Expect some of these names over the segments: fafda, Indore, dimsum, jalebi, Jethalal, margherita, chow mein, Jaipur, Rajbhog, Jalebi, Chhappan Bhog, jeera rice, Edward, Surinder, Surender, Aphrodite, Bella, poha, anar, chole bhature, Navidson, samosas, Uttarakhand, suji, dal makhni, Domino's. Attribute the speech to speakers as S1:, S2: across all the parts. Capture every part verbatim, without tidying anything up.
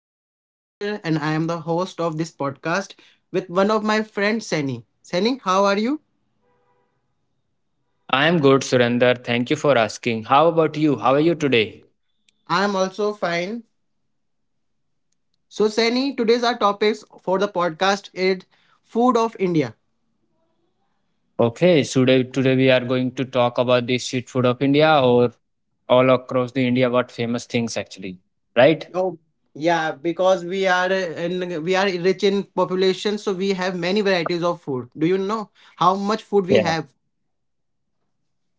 S1: I am Surender and I am the host of this podcast with one of my friends, Sani. Sani, how are you?
S2: I am good, Surinder. Thank you for asking. How about you? How are you today?
S1: I am also fine. So, Sani, today's our topics for the podcast is food of India.
S2: Okay, so today today we are going to talk about the street food of India or all across the India. What famous things actually, right?
S1: Oh, yeah, because we are uh, in, we are rich in population, so we have many varieties of food. Do you know how much food we
S2: Yeah.
S1: have?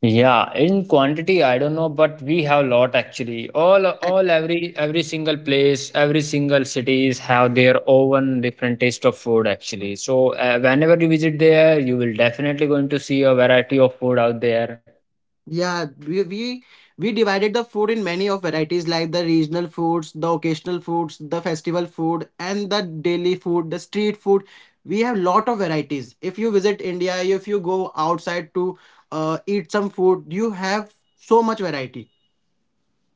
S2: Yeah, in quantity, I don't know, but we have lot actually. All all every every single place, every single cities have their own different taste of food actually. So uh, whenever you visit there, you will definitely going to see a variety of food out there.
S1: Yeah, we, we we divided the food in many of varieties like the regional foods, the occasional foods, the festival food, and the daily food, the street food. We have lot of varieties. If you visit India, if you go outside to uh, eat some food, you have so much variety.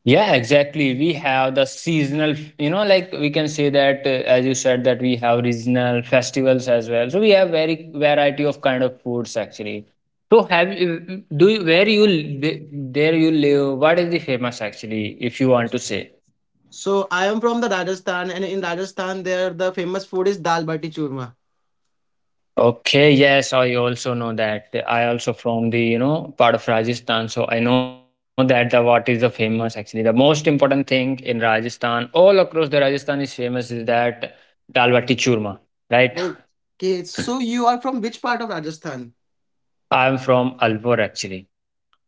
S2: Yeah, exactly. We have the seasonal, you know, like we can say that, uh, as you said, that we have regional festivals as well. So we have very variety of kind of foods actually. So have you- do you, where you li- there you live? What is the famous actually, if you want to say?
S1: So I am from the Rajasthan, and in Rajasthan, there the famous food is dal bati churma.
S2: Okay, yes, I also know that. I also from the, you know, part of Rajasthan, so I know that the what is the famous actually. The most important thing in Rajasthan, all across the Rajasthan is famous is that dal bati churma, right?
S1: Okay, so you are from which part of Rajasthan?
S2: I'm from Alvor actually.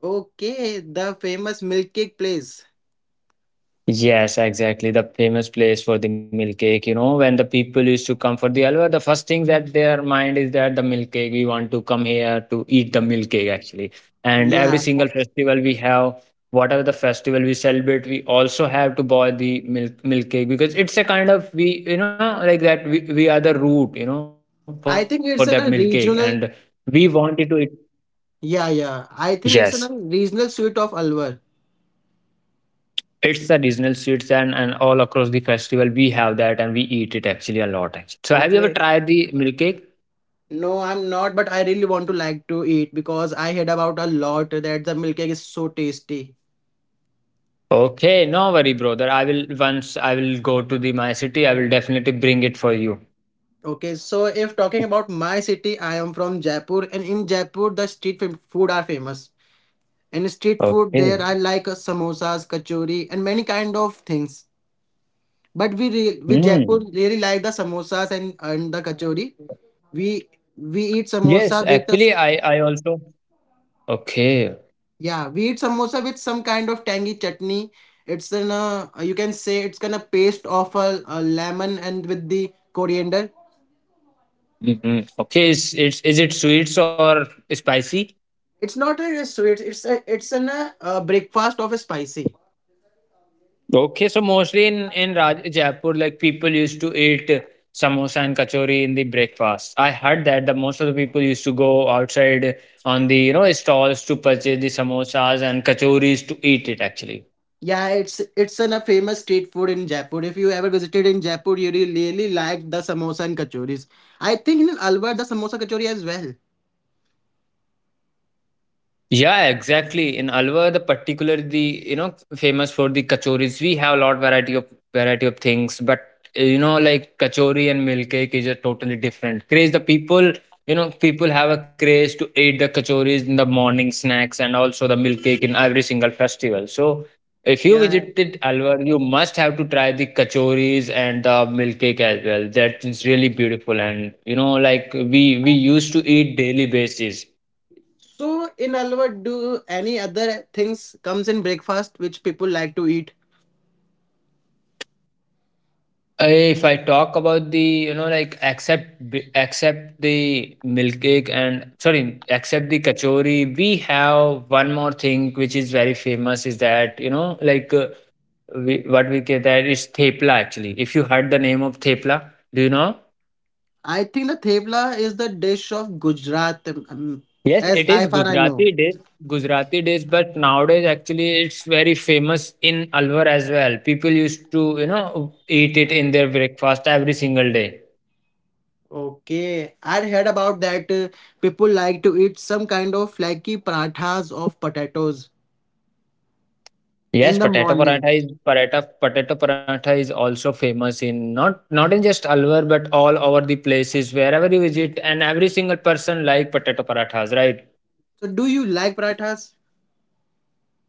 S1: Okay, the famous milk cake place.
S2: Yes, exactly. The famous place for the milk cake. You know, when the people used to come for the Alwar, the first thing that their mind is that the milk cake. We want to come here to eat the milk cake actually. And every
S1: Yeah.
S2: single festival we have, whatever the festival we celebrate, we also have to buy the milk milk cake because it's a kind of we you know like that we, we are the root you know for that milk cake
S1: I think
S2: and
S1: it's in a
S2: we
S1: regional.
S2: wanted to eat.
S1: Yeah,
S2: Yes.
S1: yeah. I think it's in a regional sweet of Alwar.
S2: It's a regional sweets and and all across the festival we have that and we eat it actually a lot actually. So have you ever
S1: Okay.
S2: tried the milk cake?
S1: No, I'm not, but I really want to like to eat because I heard about a lot that the milk cake is so tasty.
S2: Okay, no worry, brother. I will once I will go to the my city. I will definitely bring it for you.
S1: Okay, so if talking about my city, I am from Jaipur, and in Jaipur the street fam- food are famous. And street food there I
S2: Okay.
S1: like uh, samosas, kachori, and many kind of things. But we re- we Jaipur really
S2: Hmm.
S1: like the samosas and and the kachori. We we eat
S2: Yes,
S1: samosa with a
S2: actually, I I also. Okay.
S1: Yeah, we eat samosa with some kind of tangy chutney. It's an uh, you can say it's kind of paste of a, a lemon and with the coriander.
S2: Mhm. Okay. Is it's is it sweets or spicy?
S1: It's not a sweet. It's a it's an uh, uh, breakfast of a spicy.
S2: Okay, so mostly in in Raj Jaipur, like people used to eat samosa and kachori in the breakfast. I heard that the most of the people used to go outside on the you know stalls to purchase the samosas and kachoris to eat it actually.
S1: Yeah, it's it's an a famous street food in Jaipur. If you ever visited in Jaipur, you will really like the samosa and kachoris. I think in Alwar the samosa kachori as well.
S2: Yeah, exactly. In Alwar, the particular the you know famous for the kachoris. We have a lot variety of variety of things, but uh, you know like kachori and milk cake is a totally different craze. The people you know people have a craze to eat the kachoris in the morning snacks and also the milk cake in every single festival. So if you
S1: Yeah.
S2: visited Alwar, you must have to try the kachoris and the milk cake as well. That is really beautiful, and you know like we we used to eat daily basis.
S1: So in Alwar, do any other things comes in breakfast which people like to eat?
S2: I if I talk about the you know like accept b- accept the milk cake and sorry accept the kachori we have one more thing which is very famous is that you know like uh, we, what we get that is thepla actually if you heard the name of thepla do you know.
S1: I think the thepla is the dish of Gujarat, um,
S2: Yes
S1: as
S2: it
S1: I
S2: is
S1: far I know.
S2: Gujarati dish. Gujarati dish but nowadays actually it's very famous in Alwar as well people used to you know eat it in their breakfast every single day.
S1: Okay, I heard about that. Uh, people like to eat some kind of flaky parathas of potatoes
S2: Yes,
S1: in the
S2: potato
S1: morning.
S2: paratha is paratha potato paratha is also famous in not not in just Alwar but all over the places wherever you visit and every single person like potato parathas, right?
S1: So, do you like parathas?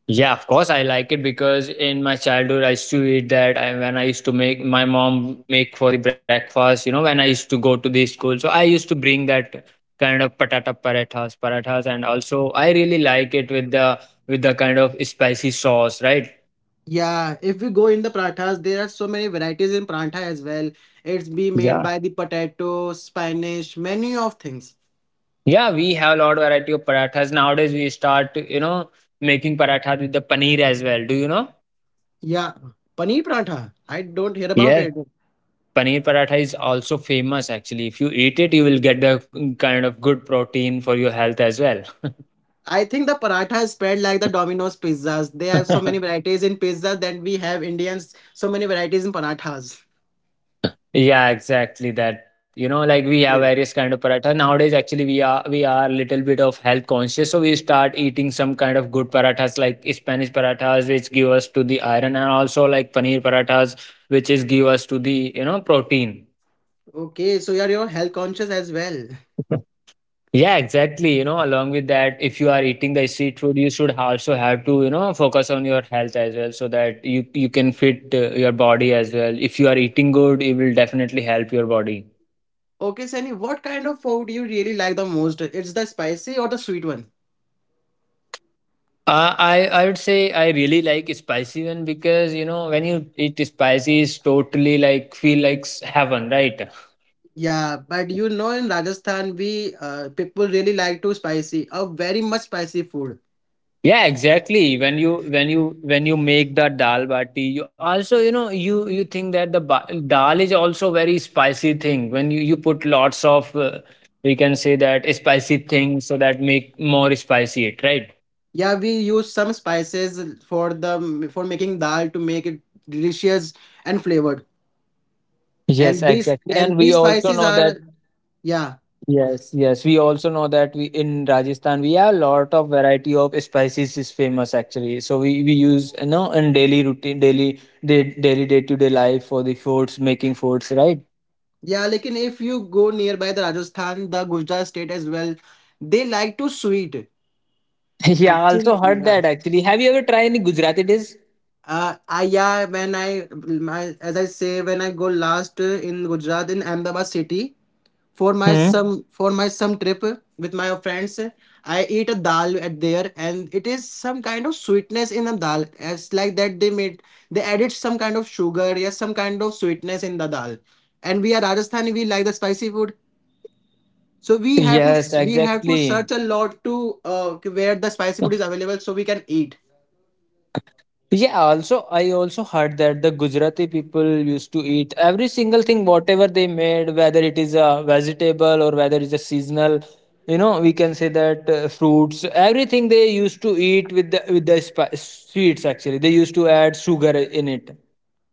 S2: Yeah, of course I like it because in my childhood I used to eat that and when I used to make my mom make for the breakfast, you know, when I used to go to the school. So I used to bring that kind of patata parathas, parathas and also I really like it with the with the kind of spicy sauce, right?
S1: Yeah, if we go in the parathas, there are so many varieties in paratha as well. It's be made
S2: Yeah,
S1: by the potato, spinach, many of things.
S2: yeah, we have a lot variety of parathas. Nowadays, we start, you know, making parathas with the paneer as well. Do you know?
S1: Yeah, paneer paratha. I don't hear about
S2: Yes,
S1: it.
S2: paneer paratha is also famous, actually. If you eat it, you will get the mm, kind of good protein for your health as well.
S1: I think the paratha is spread like the Domino's pizzas. They have so many varieties in pizzas that we have Indians, so many varieties in parathas.
S2: Yeah, exactly that. You know, like we have
S1: Okay,
S2: various kind of paratha. Nowadays, actually, we are we are little bit of health conscious, so we start eating some kind of good parathas like Spanish parathas, which give us to the iron, and also like paneer parathas, which is give us to the you know protein.
S1: okay so you're, your health conscious as well.
S2: Yeah, exactly. You know, along with that, if you are eating the street food, you should also have to, you know, focus on your health as well, so that you you can fit uh, your body as well. If you are eating good, it will definitely help your body.
S1: Okay, Sunny, what kind of food you really like the most? It's the spicy or the sweet one?
S2: Uh, I I would say I really like spicy one because you know when you eat spicy, it's totally like feel like s- heaven, right?
S1: Yeah, but you know in Rajasthan, we uh, people really like to spicy, a very much spicy food.
S2: Yeah, exactly. When you when you when you make the dal bati, you also you know you you think that the ba- dal is also very spicy thing. When you you put lots of uh, we can say that spicy thing so that make more spicy it right.
S1: Yeah, we use some spices for the for making dal to make it delicious and flavored.
S2: Yes,
S1: And these
S2: exactly. And
S1: and
S2: we
S1: these
S2: also
S1: spices
S2: know that,
S1: are Yeah,
S2: yes, yes, we also know that we in Rajasthan we have a lot of variety of spices is famous actually. So we, we use you know in daily routine, daily day, daily day to day life for the foods, making foods, right?
S1: yeah. Like if you go nearby the Rajasthan, the Gujarat state as well, they like to sweet.
S2: Yeah, I also
S1: Actually,
S2: heard
S1: yeah.
S2: that actually. Have you ever tried any Gujarati dish?
S1: Uh, I Yeah. When I my as I say when I go last uh, in Gujarat in Ahmedabad city for my
S2: Hmm.
S1: some for my some trip uh, with my friends, uh, I eat a dal at there and it is some kind of sweetness in the dal. It's like that they made they added some kind of sugar, yes, some kind of sweetness in the dal. And we are Rajasthani, we like the spicy food. So we have
S2: Yes,
S1: to we have to
S2: exactly.
S1: search a lot to uh, where the spicy food is available so we can eat.
S2: Yeah, also I also heard that the Gujarati people used to eat every single thing whatever they made, whether it is a vegetable or whether it's a seasonal, you know, we can say that uh, fruits, everything they used to eat with the with the spi- sweets actually. They used to add sugar in it.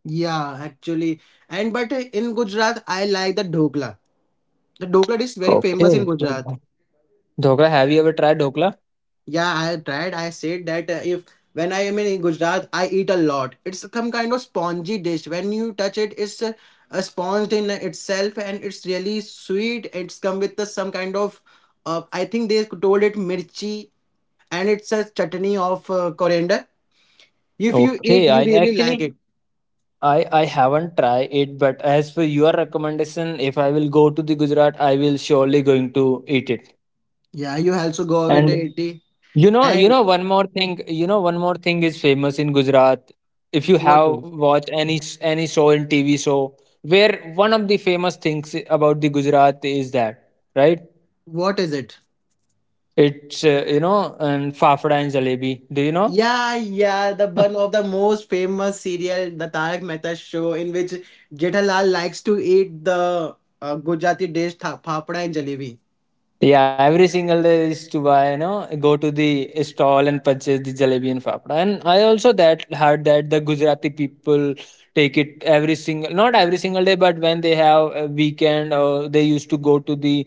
S1: Yeah, actually, and but uh, in Gujarat, I like the dhokla. The dhokla is very
S2: Okay.
S1: famous in
S2: Okay.
S1: Gujarat.
S2: So dhokla, have you ever tried dhokla?
S1: Yeah, I tried. I said that uh, if when I am in Gujarat, I eat a lot. It's some kind of spongy dish. When you touch it, it's uh, uh, sponged in itself, and it's really sweet. It's come with uh, some kind of, uh, I think they told it mirchi, and it's a chutney of uh, coriander. If you eat,
S2: Okay,
S1: you
S2: I
S1: really like
S2: actually
S1: it.
S2: I I haven't tried it, but as for your recommendation, if I will go to the Gujarat, I will surely going to eat it.
S1: Yeah, you also go away to
S2: And
S1: eighty.
S2: you know, you
S1: And
S2: know, one more thing, you know, one more thing is famous in Gujarat. If you
S1: what
S2: have
S1: is?
S2: watched any s- any show in T V show, where one of the famous things about the Gujarat is that, right?
S1: What is it?
S2: It's uh, you know, and fafda and jalebi. Do you know?
S1: Yeah, yeah, the one of the most famous serial, the Tarak Mehta show, in which Jethalal likes to eat the uh, Gujarati dish tha- Phapda and Jalebi.
S2: Yeah, every single day is to buy, you know, go to the stall and purchase the jalebi and fafda. And I also that heard that the Gujarati people take it every single, not every single day, but when they have a weekend, or they used to go to the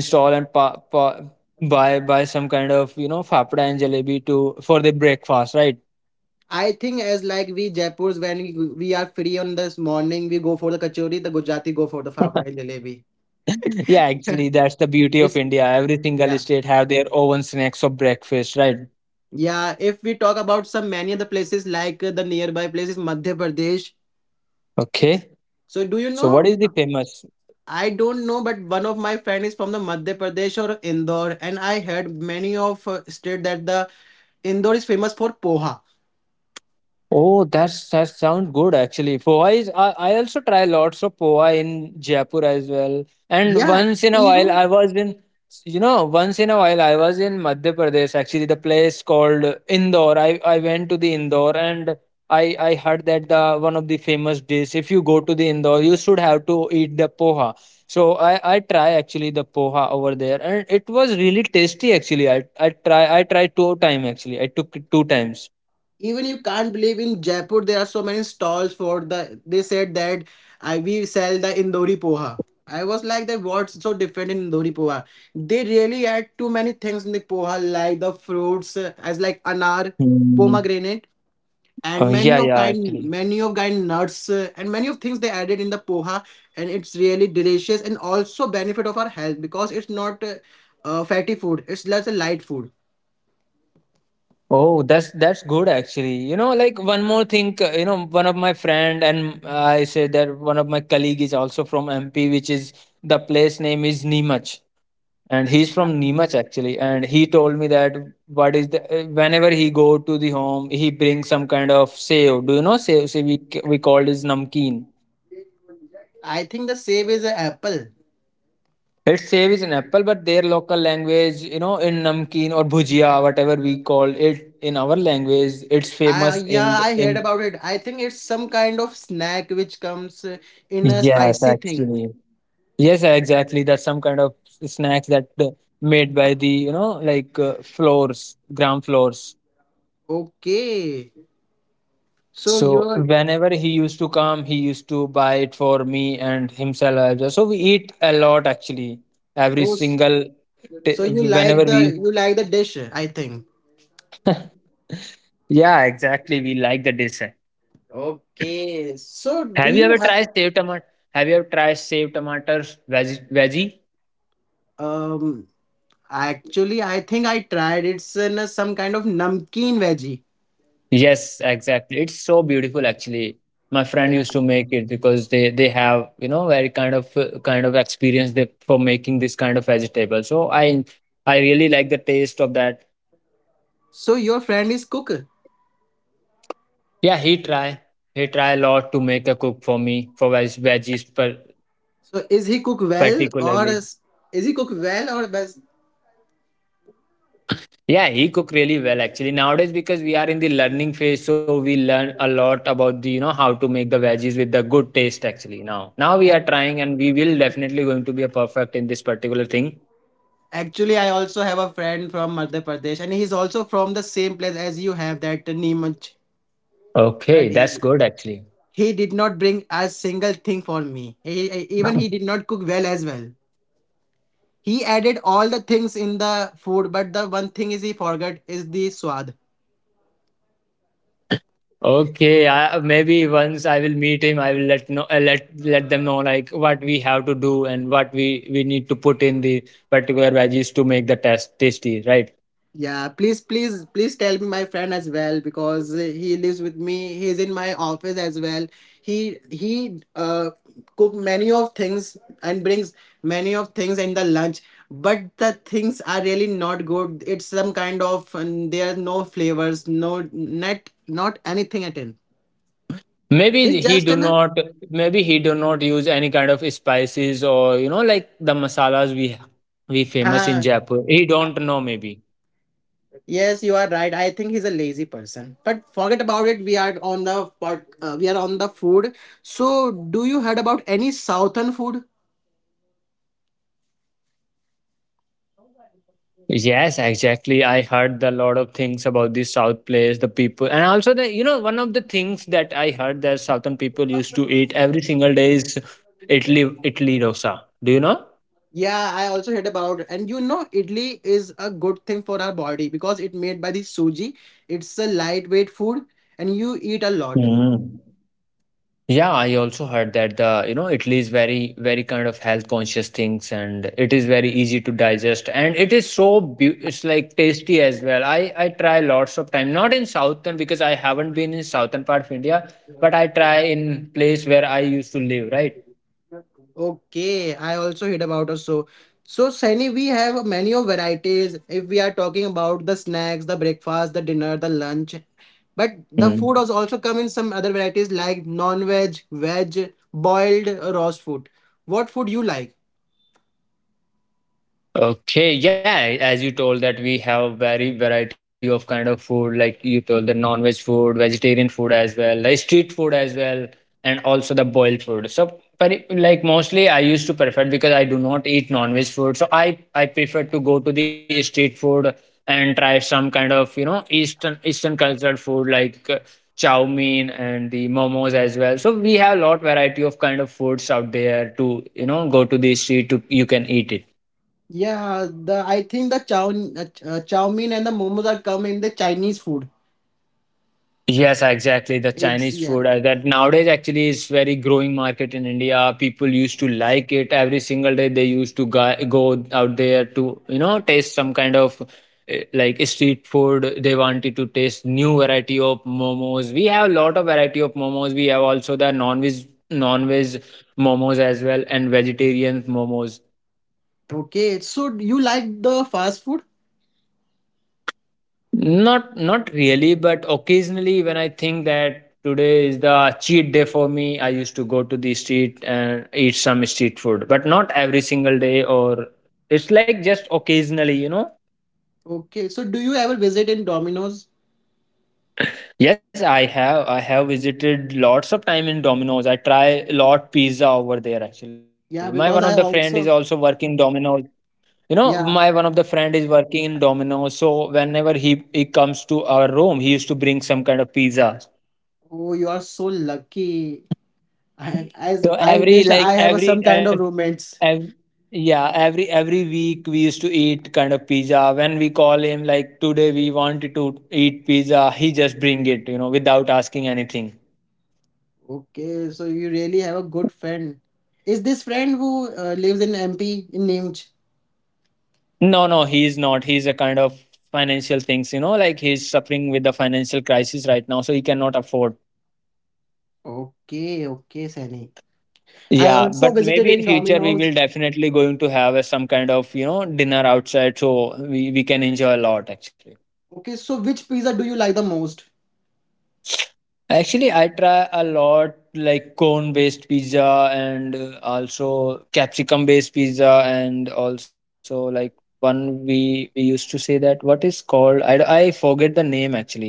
S2: stall and pa, pa, buy buy some kind of you know fafda and jalebi to for the breakfast, right?
S1: I think as like we Jaipurs, when we, we are free on this morning, we go for the kachori, the Gujarati go for the Phapda and Jalebi.
S2: Yeah, actually, that's the beauty of
S1: it's
S2: India. Every single
S1: yeah.
S2: state have their own snacks of breakfast, right?
S1: Yeah, if we talk about some many other places like uh, the nearby places, Madhya Pradesh,
S2: Okay.
S1: so do you
S2: So, what
S1: know?
S2: is the famous?
S1: I don't know, but one of my friend is from the Madhya Pradesh or Indore, and I heard many of uh, state that the Indore is famous for poha.
S2: Oh, that's that sound good actually. Poha is I, I also try lots of poha in Jaipur as well. And
S1: Yeah,
S2: once in a while,
S1: even
S2: I was in you know once in a while I was in Madhya Pradesh actually the place called Indore. I I went to the Indore and I I heard that the one of the famous dish. If you go to the Indore, you should have to eat the poha. So I I try actually the poha over there and it was really tasty actually. I I try I tried two time actually. I took it two times.
S1: even you can't believe in Jaipur there are so many stalls for the. They said that I we sell the Indori poha. I was like that. What's so different in Indori poha? They really add too many things in the poha, like the fruits uh, as like anar, pomegranate. And
S2: Uh,
S1: many
S2: yeah,
S1: of
S2: yeah,
S1: kind
S2: actually.
S1: many of kind nuts uh, and many of things they added in the poha, and it's really delicious and also benefit of our health because it's not uh, uh, fatty food. It's just a light food.
S2: Oh, that's that's good actually. You know, like one more thing, uh, you know, one of my friend and I said that one of my colleague is also from M P, which is the place name is Neemach, and he's from Neemach actually. And he told me that what is the uh, whenever he go to the home, he brings some kind of save. Do you know save? Save we c- we called is namkeen.
S1: I think the same is a apple.
S2: It's save is an apple, but their local language, you know, in namkeen or bhujia, whatever we call it in our language, it's
S1: I,
S2: famous
S1: yeah,
S2: in
S1: I heard
S2: in.
S1: about it. I think it's some kind of snack which comes uh, in a
S2: Yes,
S1: spicy thing.
S2: actually. Yes, exactly. That's some kind of snacks that uh, made by the, you know, like uh, floors, ground floors.
S1: Okay so
S2: So
S1: you're
S2: whenever he used to come, he used to buy it for me and himself as well. So we eat a lot actually. Every
S1: oh, s-
S2: single t-
S1: so you
S2: whenever
S1: like
S2: we
S1: the you like the dish I think.
S2: Yeah, exactly. We like the dish.
S1: Okay so do
S2: Have you
S1: you
S2: ever
S1: have
S2: tried saved tomato? Have you ever tried saved tomatoes, veggie? Veggie?
S1: um actually, I think I tried. It's in a- some kind of namkeen veggie.
S2: Yes, exactly. It's so beautiful actually. My friend
S1: Yeah.
S2: used to make it because they they have, you know, very kind of uh, kind of experience they for making this kind of vegetable. So I I really like the taste of that.
S1: So your friend is cook.
S2: Yeah, he try he try a lot to make a cook for me for veg veggies per,
S1: So is he cook well
S2: particularly.
S1: or is, is he cook well or best?
S2: Yeah, he cook really well actually. Nowadays, because we are in the learning phase, so we learn a lot about the you know how to make the veggies with the good taste actually now. Now we are
S1: Ac-
S2: trying, and we will definitely going to be a perfect in this particular thing.
S1: Actually, I also have a friend from Madhya Pradesh, and he's also from the same place as you have that Neemuch. But
S2: Okay,
S1: he
S2: that's good actually.
S1: he did not bring a single thing for me. He, he- even he did not cook well as well. He added all the things in the food, but the one thing is he forgot is the swad.
S2: Okay, I, maybe once I will meet him, I will let know, uh, let let them know like what we have to do and what we we need to put in the particular veggies to make the test tasty, right?
S1: Yeah, please, please, please tell me my friend as well because uh, he lives with me. He's in my office as well. He he uh cook many of things and brings many of things in the lunch, but the things are really not good. It's some kind of and there are no flavors, no not not anything at all. It's
S2: Maybe he
S1: just
S2: do
S1: an
S2: not, Maybe he do not use any kind of spices, or you know like the masalas we we famous in
S1: uh,
S2: Jaipur. He don't know maybe.
S1: Yes, you are right. I think he's a lazy person. But forget about it. We are on the pod- uh, we are on the food. So, do you heard about any southern food?
S2: Yes, exactly. I heard a lot of things about the South place, the people, and also the you know one of the things that I heard that Southern people used to eat every single day is Italy Italy dosa. Do you know?
S1: Yeah, I also heard about it. And you know, idli is a good thing for our body because it made by the suji. It's a lightweight food and you eat a lot.
S2: Mm. Yeah, I also heard that the, you know, Italy is very, very kind of health conscious things, and it is very easy to digest, and it is so beau- it's like tasty as well. I I try lots of time, not in southern, because I haven't been in southern part of India, but I try in place where I used to live, right?
S1: Okay, I also heard about us. So, so Saini, we have many of varieties. If we are talking about the snacks, the breakfast, the dinner, the lunch, but the food
S2: Mm.
S1: has also come in some other varieties like non-veg, veg, boiled, uh, roast food. What food you like?
S2: Okay, yeah, as you told that we have very variety of kind of food, like you told the non-veg food, vegetarian food as well, like street food as well, and also the boiled food. So, peri- like mostly I used to prefer because I do not eat non-veg food, so I I prefer to go to the street food and try some kind of you know Eastern Eastern cultural food like uh, chow mein and the momos as well. So we have a lot variety of kind of foods out there to you know go to the street to you can eat it.
S1: Yeah, the I think the chow uh, uh, chow mein and the momos are come in the Chinese food.
S2: Yes, exactly. The
S1: It's
S2: Chinese
S1: yeah.
S2: food uh, that nowadays actually is very growing market in India. People used to like it every single day. They used to go, go out there to you know taste some kind of uh, like street food. They wanted to taste new variety of momos. We have a lot of variety of momos. We have also the non-veg non-veg momos as well and vegetarian momos.
S1: Okay, so you like the fast food?
S2: Not not really, but occasionally when I think that today is the cheat day for me, I used to go to the street and eat some street food, but not every single day or it's like just occasionally, you know.
S1: Okay, so do you ever visit in Domino's?
S2: Yes, I have I have visited lots of time in Domino's. I try a lot pizza over there actually. My one
S1: Yeah,
S2: of the
S1: because I
S2: friend is also
S1: also.
S2: working Domino's. You know, my
S1: Yeah,
S2: one of the friend is working in Domino's, so whenever he he comes to our room, he used to bring some kind of pizza.
S1: oh, you are so lucky. I, as
S2: So
S1: I
S2: every
S1: wish
S2: like
S1: I have a,
S2: every
S1: some kind
S2: ev-
S1: of roommates.
S2: ev- yeah, every every week we used to eat kind of pizza. When we call him like today we wanted to eat pizza, he just bring it you know without asking anything.
S1: Okay, so you really have a good friend. Is this friend who uh, lives in M P in Nimch?
S2: No, no, he's not. He's a kind of financial things, you know like he's suffering with the financial crisis right now, so he cannot afford.
S1: Okay, okay, Sani. I
S2: Yeah,
S1: also
S2: but
S1: visited
S2: maybe in
S1: in
S2: future we will
S1: Domino's.
S2: definitely going to have a, some kind of you know dinner outside, so we we can enjoy a lot actually.
S1: Okay, so which pizza do you like the most?
S2: Actually, I try a lot, like cone based pizza, and uh, also capsicum based pizza, and also like one we we used to say that what is called I, d- I forget the name actually,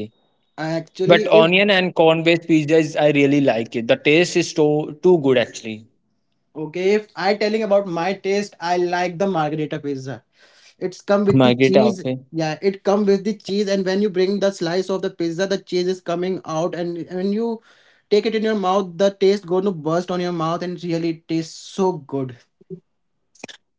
S2: but
S1: Actually, if
S2: onion and corn based pizza is I really like it, the taste is too too good actually.
S1: okay, if I telling about my taste, I like the margherita pizza. It's come with the
S2: Margherita,
S1: cheese.
S2: okay.
S1: Yeah, it come with the cheese, and when you bring the slice of the pizza, the cheese is coming out, and when you take it in your mouth, the taste going to burst on your mouth, and really it tastes so good.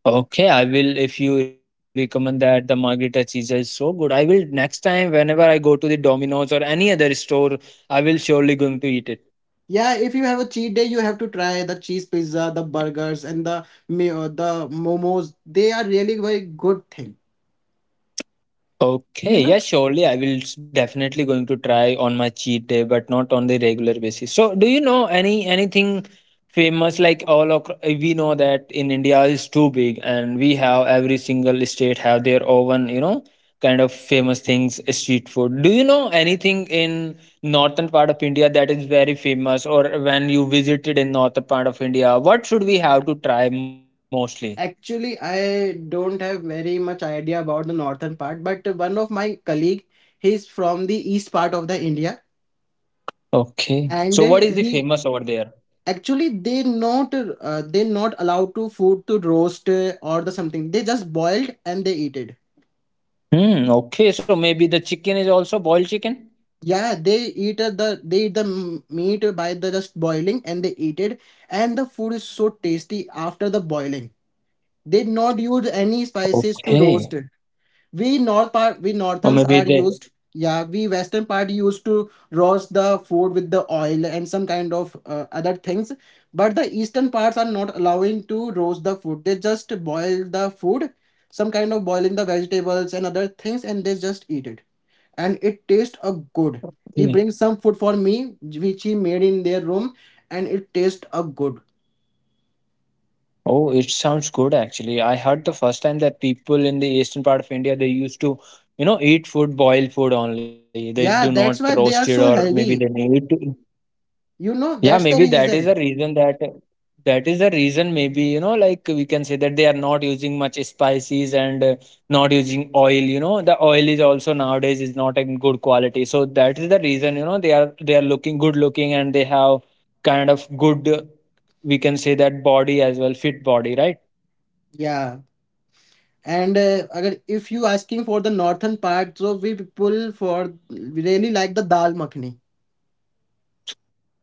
S2: Okay, I will, if you recommend that the margherita pizza is so good, I will next time whenever I go to the Domino's or any other store, I will surely going to eat it.
S1: Yeah, if you have a cheat day, you have to try the cheese pizza, the burgers, and the me uh, the momos. They are really very good thing. You
S2: Okay,
S1: know,
S2: yeah, surely I will s- definitely going to try on my cheat day, but not on the regular basis. So, do you know any anything famous like all across, we know that in India is too big, and we have every single state have their own you know kind of famous things, eh, street food. Do you know anything in northern part of India that is very famous, or when you visited in northern part of India, what should we have to try mostly?
S1: actually, I don't have very much idea about the northern part, but one of my colleague, he's from the east part of the India,
S2: Okay,
S1: and
S2: so
S1: uh,
S2: what is the
S1: he
S2: famous over there?
S1: actually they not uh, they not allowed to food to roast uh, or the something, they just boiled and they eat it.
S2: Hmm. Okay, so maybe the chicken is also boiled chicken?
S1: Yeah, they eat uh, the they eat the m- meat by the just boiling and they eat it, and the food is so tasty after the boiling. They not use any spices to
S2: Okay,
S1: roast. We north part we
S2: or
S1: northerns
S2: maybe
S1: are
S2: they.
S1: used, yeah, we western part used to roast the food with the oil and some kind of uh, other things, but the eastern parts are not allowing to roast the food, they just boil the food, some kind of boiling the vegetables and other things, and they just eat it, and it tastes a good. He
S2: Okay.
S1: brings some food for me which he made in their room, and it tastes a good.
S2: Oh, it sounds good actually. I heard the first time that people in the eastern part of India they used to, you know, eat food, boil food only. They do
S1: Yeah,
S2: not
S1: that's why
S2: roast it,
S1: they are
S2: or
S1: so
S2: maybe they
S1: healthy,
S2: need to.
S1: you know,
S2: Yeah,
S1: that's the
S2: maybe that is the
S1: reason.
S2: reason that that is the reason, maybe you know like we can say that they are not using much spices, and uh, not using oil, you know the oil is also nowadays is not in good quality so that is the reason you know they are they are looking good looking, and they have kind of good uh, we can say that body as well, fit body, right.
S1: Yeah, and uh, agar if you asking for the northern part, so we people for we really like the dal makhni.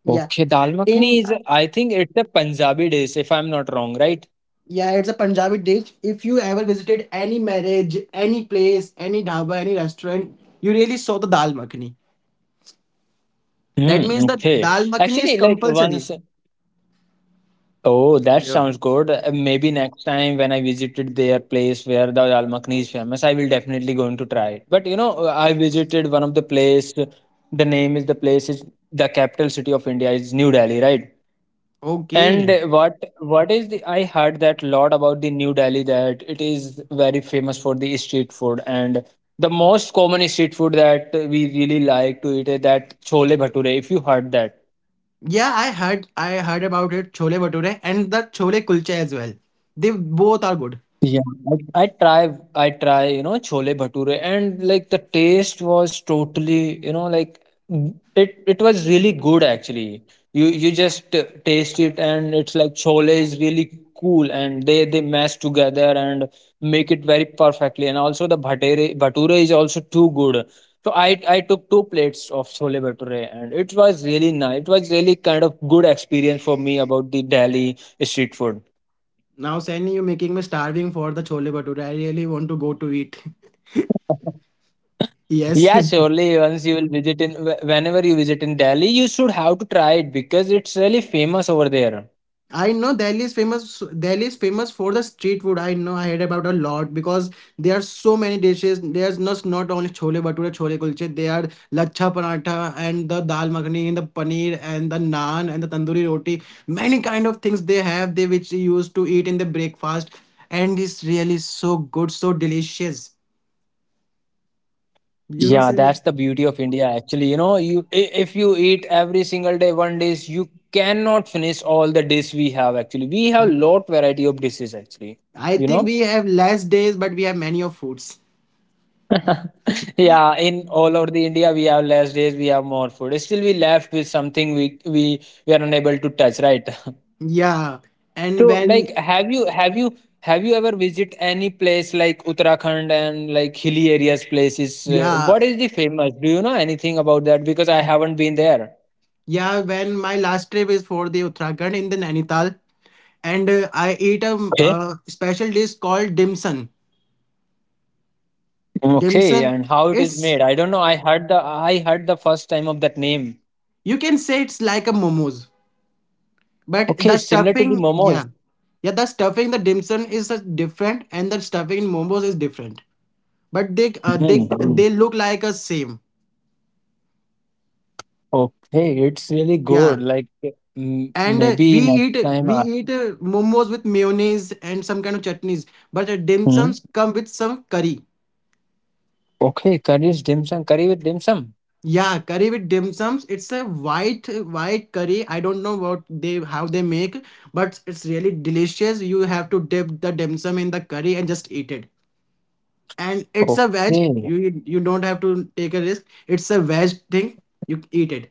S1: Yeah
S2: Okay, dal makhni
S1: in
S2: is, I think, it's a Punjabi dish, if I'm not wrong, right?
S1: yeah, it's a Punjabi dish. If you ever visited any marriage, any place, any dhaba, any restaurant, you really saw the dal makhni. That
S2: Hmm,
S1: means the
S2: okay.
S1: dal makhni is
S2: Actually, like
S1: compulsory.
S2: once. Oh, that
S1: Yeah,
S2: sounds good. Uh, Maybe next time when I visited their place where the dal makhani is famous, I will definitely going to try it. But you know, uh, I visited one of the place. The name is the place is the capital city of India is New Delhi, right? And
S1: okay,
S2: uh, what what is the I heard that lot about the New Delhi that it is very famous for the street food, and the most common street food that we really like to eat is that chole bhature. If you heard that.
S1: yeah, i heard i heard about it, chole bhature and the chole kulcha as well. They both are good.
S2: Yeah, I, I try I try, you know, chole bhature, and like the taste was totally, you know, like mm, it it was really good actually. You you just uh, taste it, and it's like chole is really cool, and they they mash together and make it very perfectly, and also the bhatere bhature is also too good. So I I took two plates of chole bhature, and it was really nice. It was really kind of good experience for me about the Delhi street food.
S1: Now Sandy, you're making me starving for the chole bhature, I really want to go to eat. Yes,
S2: Yeah, surely once you will visit in wh- whenever you visit in Delhi, you should have to try it because it's really famous over there.
S1: I know Delhi is famous. Delhi is famous for the street food. I know, I heard about a lot, because there are so many dishes. There's not not only chole bhature, chole kulche. There are lachha paratha and the dal makhani and the paneer and the naan and the tandoori roti. Many kind of things they have, they which you used to eat in the breakfast, and it's really so good, so delicious. You
S2: Yeah,
S1: know,
S2: that's
S1: Sunny.
S2: the beauty of India. Actually, you know, you i- if you eat every single day one dish, you cannot finish all the dish we have. Actually, we have lot variety of dishes. Actually,
S1: I
S2: you
S1: think
S2: know.
S1: we have less days, but we have many of foods.
S2: Yeah, in all over the India, we have less days, we have more food. Still, we left with something, we we we are unable to touch, right?
S1: Yeah, and
S2: So,
S1: when
S2: like, have you have you have you ever visit any place like Uttarakhand and like hilly areas places? Uh,
S1: yeah.
S2: what is the famous? Do you know anything about that? Because I haven't been there.
S1: Yeah, when my last trip is for the Uttarakhand in the Nainital, and uh, I ate a, um,
S2: Okay.
S1: uh special dish called dimsum.
S2: Okay,
S1: Dimsum
S2: and how it is
S1: is,
S2: made? I don't know. I heard the I heard the first time of that name.
S1: you can say it's like a momos, but
S2: Okay,
S1: the
S2: similar to the
S1: stuffing, yeah,
S2: momos.
S1: yeah, the stuffing the dimsum is uh, different, and the stuffing in momos is different. But they uh, they
S2: Hmm.
S1: they look like a same.
S2: Okay, it's really good.
S1: Yeah,
S2: Like m-
S1: and uh,
S2: maybe
S1: we
S2: next
S1: eat
S2: time.
S1: we
S2: I,
S1: eat uh, momos with mayonnaise and some kind of chutneys, but uh,
S2: hmm?
S1: dimsums come with some curry.
S2: Okay, curry is dim sum. Curry with dim sum.
S1: Yeah, curry with dim sums. It's a white white curry. I don't know what they how they make, but it's really delicious. You have to dip the dim sum in the curry and just eat it. And it's
S2: Okay.
S1: a veg. You you don't have to take a risk. It's a veg thing. You eat it.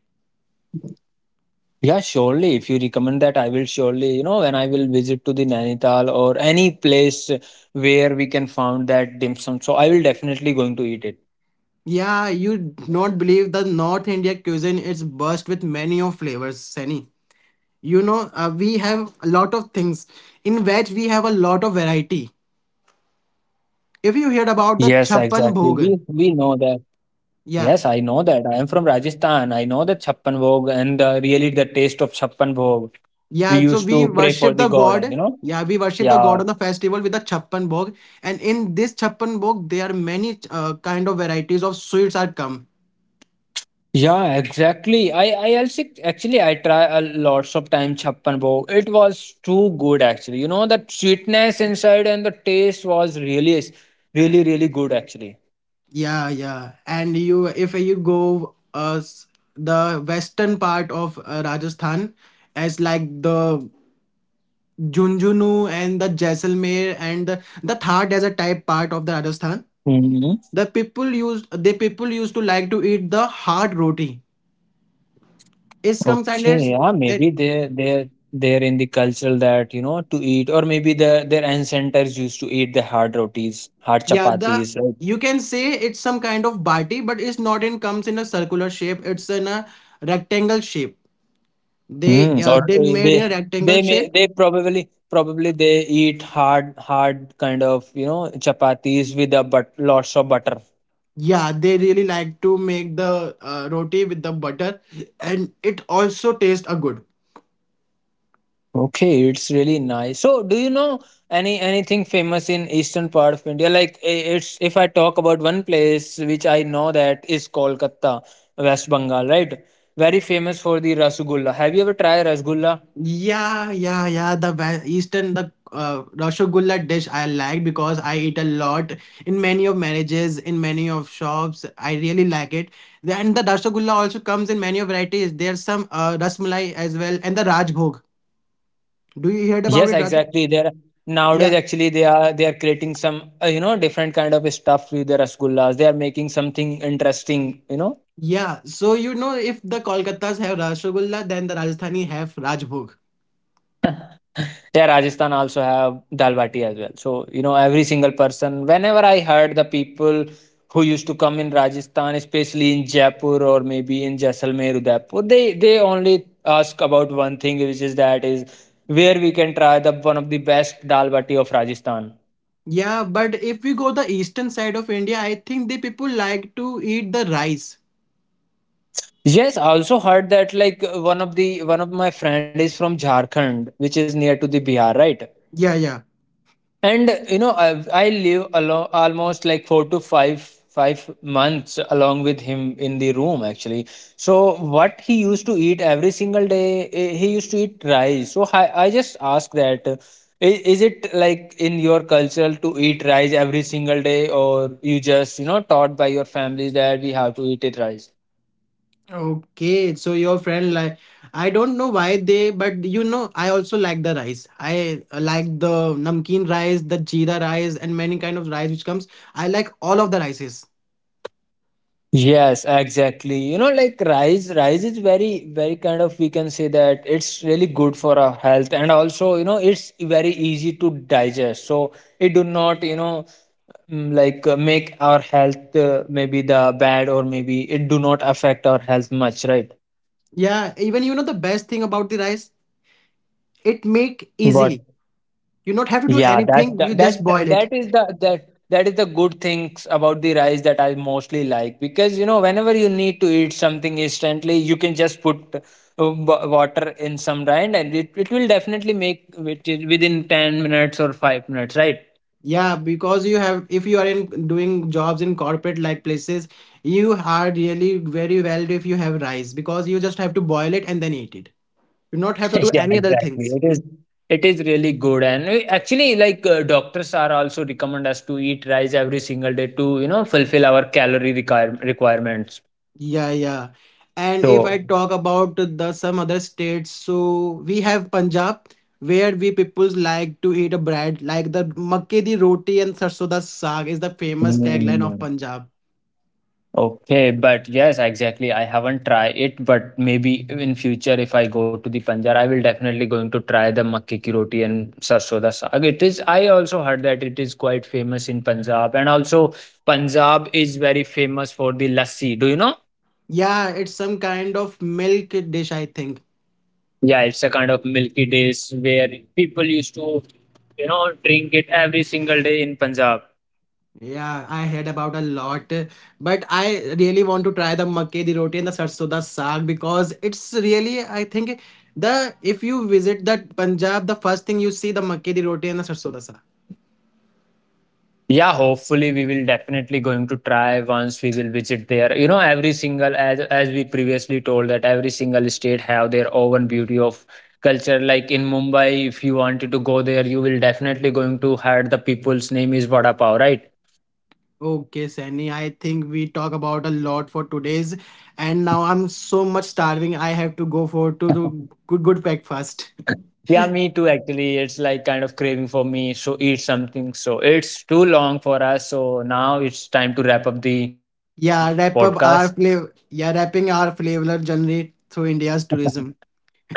S2: Yeah, surely. If you recommend that, I will surely, you know, when I will visit to the Nainital or any place where we can found that dim sum. So I will definitely going to eat it.
S1: Yeah, you not believe the North India cuisine is burst with many of flavors, Sani. You know, uh, we have a lot of things. In veg, we have a lot of variety. If you heard
S2: Yes,
S1: about the
S2: exactly.
S1: chappan
S2: We
S1: bhog,
S2: we know that. Yes,
S1: yeah.
S2: I know that. I am from Rajasthan. I know the Chhappan Bhog and the, really the taste of Chhappan Bhog. We
S1: Yeah, so
S2: used
S1: we
S2: to pray for
S1: worship
S2: the
S1: the
S2: God, and
S1: god.
S2: you know.
S1: Yeah, we worship the
S2: Yeah,
S1: god on the festival with the chappan bhog, and in this chappan bhog, there are many uh, kind of varieties of sweets are come.
S2: yeah, exactly. I I also actually I try a lots of time chappan bow. It was too good actually. You know that sweetness inside, and the taste was really is- really really good actually.
S1: Yeah, yeah, and you if you go uh s- the western part of uh, Rajasthan, as like the Junjunu and the Jaisalmer and the, the Thar desert type part of the Rajasthan,
S2: Hmm.
S1: the people used the people used to like to eat the hard roti. It's some kind of.
S2: Okay, yeah, maybe they they they're in the culture that you know to eat, or maybe their their ancestors used to eat the hard rotis, hard
S1: Yeah, the
S2: chapatis.
S1: you can say it's some kind of bati, but it's not in comes in a circular shape. It's in a rectangle shape. They
S2: Mm,
S1: uh,
S2: or
S1: they
S2: uh,
S1: made
S2: they
S1: in a rectangle
S2: they may
S1: shape.
S2: they probably probably they eat hard hard kind of you know chapatis with a but lots of butter.
S1: Yeah, they really like to make the uh, roti with the butter, and it also tastes a good.
S2: Okay, it's really nice. So, do you know any anything famous in eastern part of India? Like, I- it's if I talk about one place which I know that is Kolkata, West Bengal, right? Very famous for the rasgulla. Have you ever tried rasgulla?
S1: Yeah, yeah, yeah. The Wa- Eastern, the uh, Rasgulla dish I like, because I eat a lot in many of marriages, in many of shops. I really like it. Then the Rasgulla also comes in many of varieties. There's some uh, Rasmalai as well, and the Rajbhog. Do you heard
S2: Yes,
S1: about it, Raju?
S2: exactly. They're nowadays,
S1: Yeah,
S2: actually they are they are creating some uh, you know different kind of stuff with their rasgullas. They are making something interesting. You know,
S1: yeah. So you know, if the Kolkatas have Rasgulla, then the Rajasthani have Rajbhog.
S2: yeah, Rajasthan also have dal bati as well. So you know, every single person. Whenever I heard the people who used to come in Rajasthan, especially in Jaipur or maybe in Jaisalmer, Udaipur, they they only ask about one thing, which is that is where we can try the one of the best dal bati of Rajasthan.
S1: Yeah, but if we go the eastern side of India, I think the people like to eat the rice.
S2: Yes, I also heard that, like, uh, one of the one of my friend is from Jharkhand, which is near to the Bihar, right?
S1: Yeah, yeah.
S2: And uh, you know, I I live along almost like four to five five months along with him in the room actually. So what he used to eat every single day, eh, he used to eat rice. So I I just ask that, uh, i- is it like in your culture to eat rice every single day, or you just you know taught by your families that we have to eat it rice?
S1: Okay, so your friend like, I don't know why they, but you know I also like the rice. I uh, like the namkeen rice, the jeera rice, and many kind of rice which comes. I like all of the rices.
S2: Yes, exactly. You know, like, rice, rice is very, very kind of, we can say that, it's really good for our health, and also, you know, it's very easy to digest. So it do not, you know, mm, like, uh, make our health, uh, maybe the bad, or maybe it do not affect our health much, right?
S1: Yeah, even you know the best thing about the rice, it make
S2: But
S1: easily. You not have to do
S2: yeah, that
S1: anything. You
S2: that
S1: just boil
S2: that
S1: it.
S2: that is the that that is the good things about the rice that I mostly like, because you know whenever you need to eat something instantly, you can just put, uh, wa- water in some rind, and it, it will definitely make which within ten minutes or five minutes, right?
S1: Yeah, because you have if you are in doing jobs in corporate like places, you are really very well if you have rice, because you just have to boil it and then eat it. You not have to do
S2: Yeah,
S1: any other
S2: exactly.
S1: things.
S2: It is it is really good, and we- actually, like, uh, doctors are also recommend us to eat rice every single day to you know fulfill our calorie require requirements.
S1: Yeah, yeah. And if I
S2: So.
S1: talk about the some other states, so we have Punjab, where we peoples like to eat a bread like the makke di roti, and sarson da saag is the famous tagline of
S2: Mm.
S1: Punjab.
S2: Okay, but yes, exactly. I haven't tried it, but maybe in future if I go to the Punjab, I will definitely going to try the makke ki roti and sarso da saag. It is. I also heard that it is quite famous in Punjab, and also Punjab is very famous for the lassi. Do you know?
S1: Yeah, it's some kind of milk dish, I think.
S2: Yeah, it's a kind of milky dish where people used to, you know, drink it every single day in Punjab.
S1: Yeah, I heard about a lot, but I really want to try the makke di roti and the sarson da saag, because it's really, I think, the, if you visit that Punjab, the first thing you see the makke di roti and the sarson da saag.
S2: Yeah, hopefully we will definitely going to try once we will visit there. You know, every single, as as we previously told, that every single state have their own beauty of culture. Like in Mumbai, if you wanted to go there, you will definitely going to hear the people's name is Vada Pav, right?
S1: Okay, Sani, I think we talk about a lot for today's, and now I'm so much starving. I have to go for to, to good good breakfast.
S2: Yeah, me too. Actually, it's like kind of craving for me. So eat something. So it's too long for us. So now it's time to wrap up the
S1: Yeah,
S2: podcast.
S1: wrap up our flavor. Yeah, wrapping our flavor journey through India's tourism.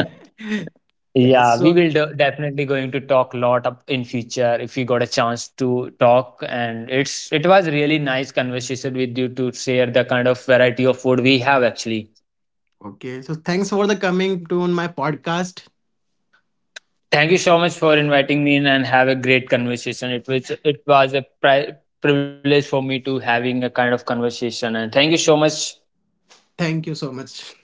S1: Yeah,
S2: Yeah, we
S1: so
S2: will de definitely going to talk a lot up in future if we got a chance to talk. And it's it was really nice conversation with you to share the kind of variety of food we have actually.
S1: okay, so thanks for the coming to on my podcast.
S2: Thank you so much for inviting me in and have a great conversation. It was it was a pri privilege for me to having a kind of conversation. And thank you so much
S1: Thank you so much.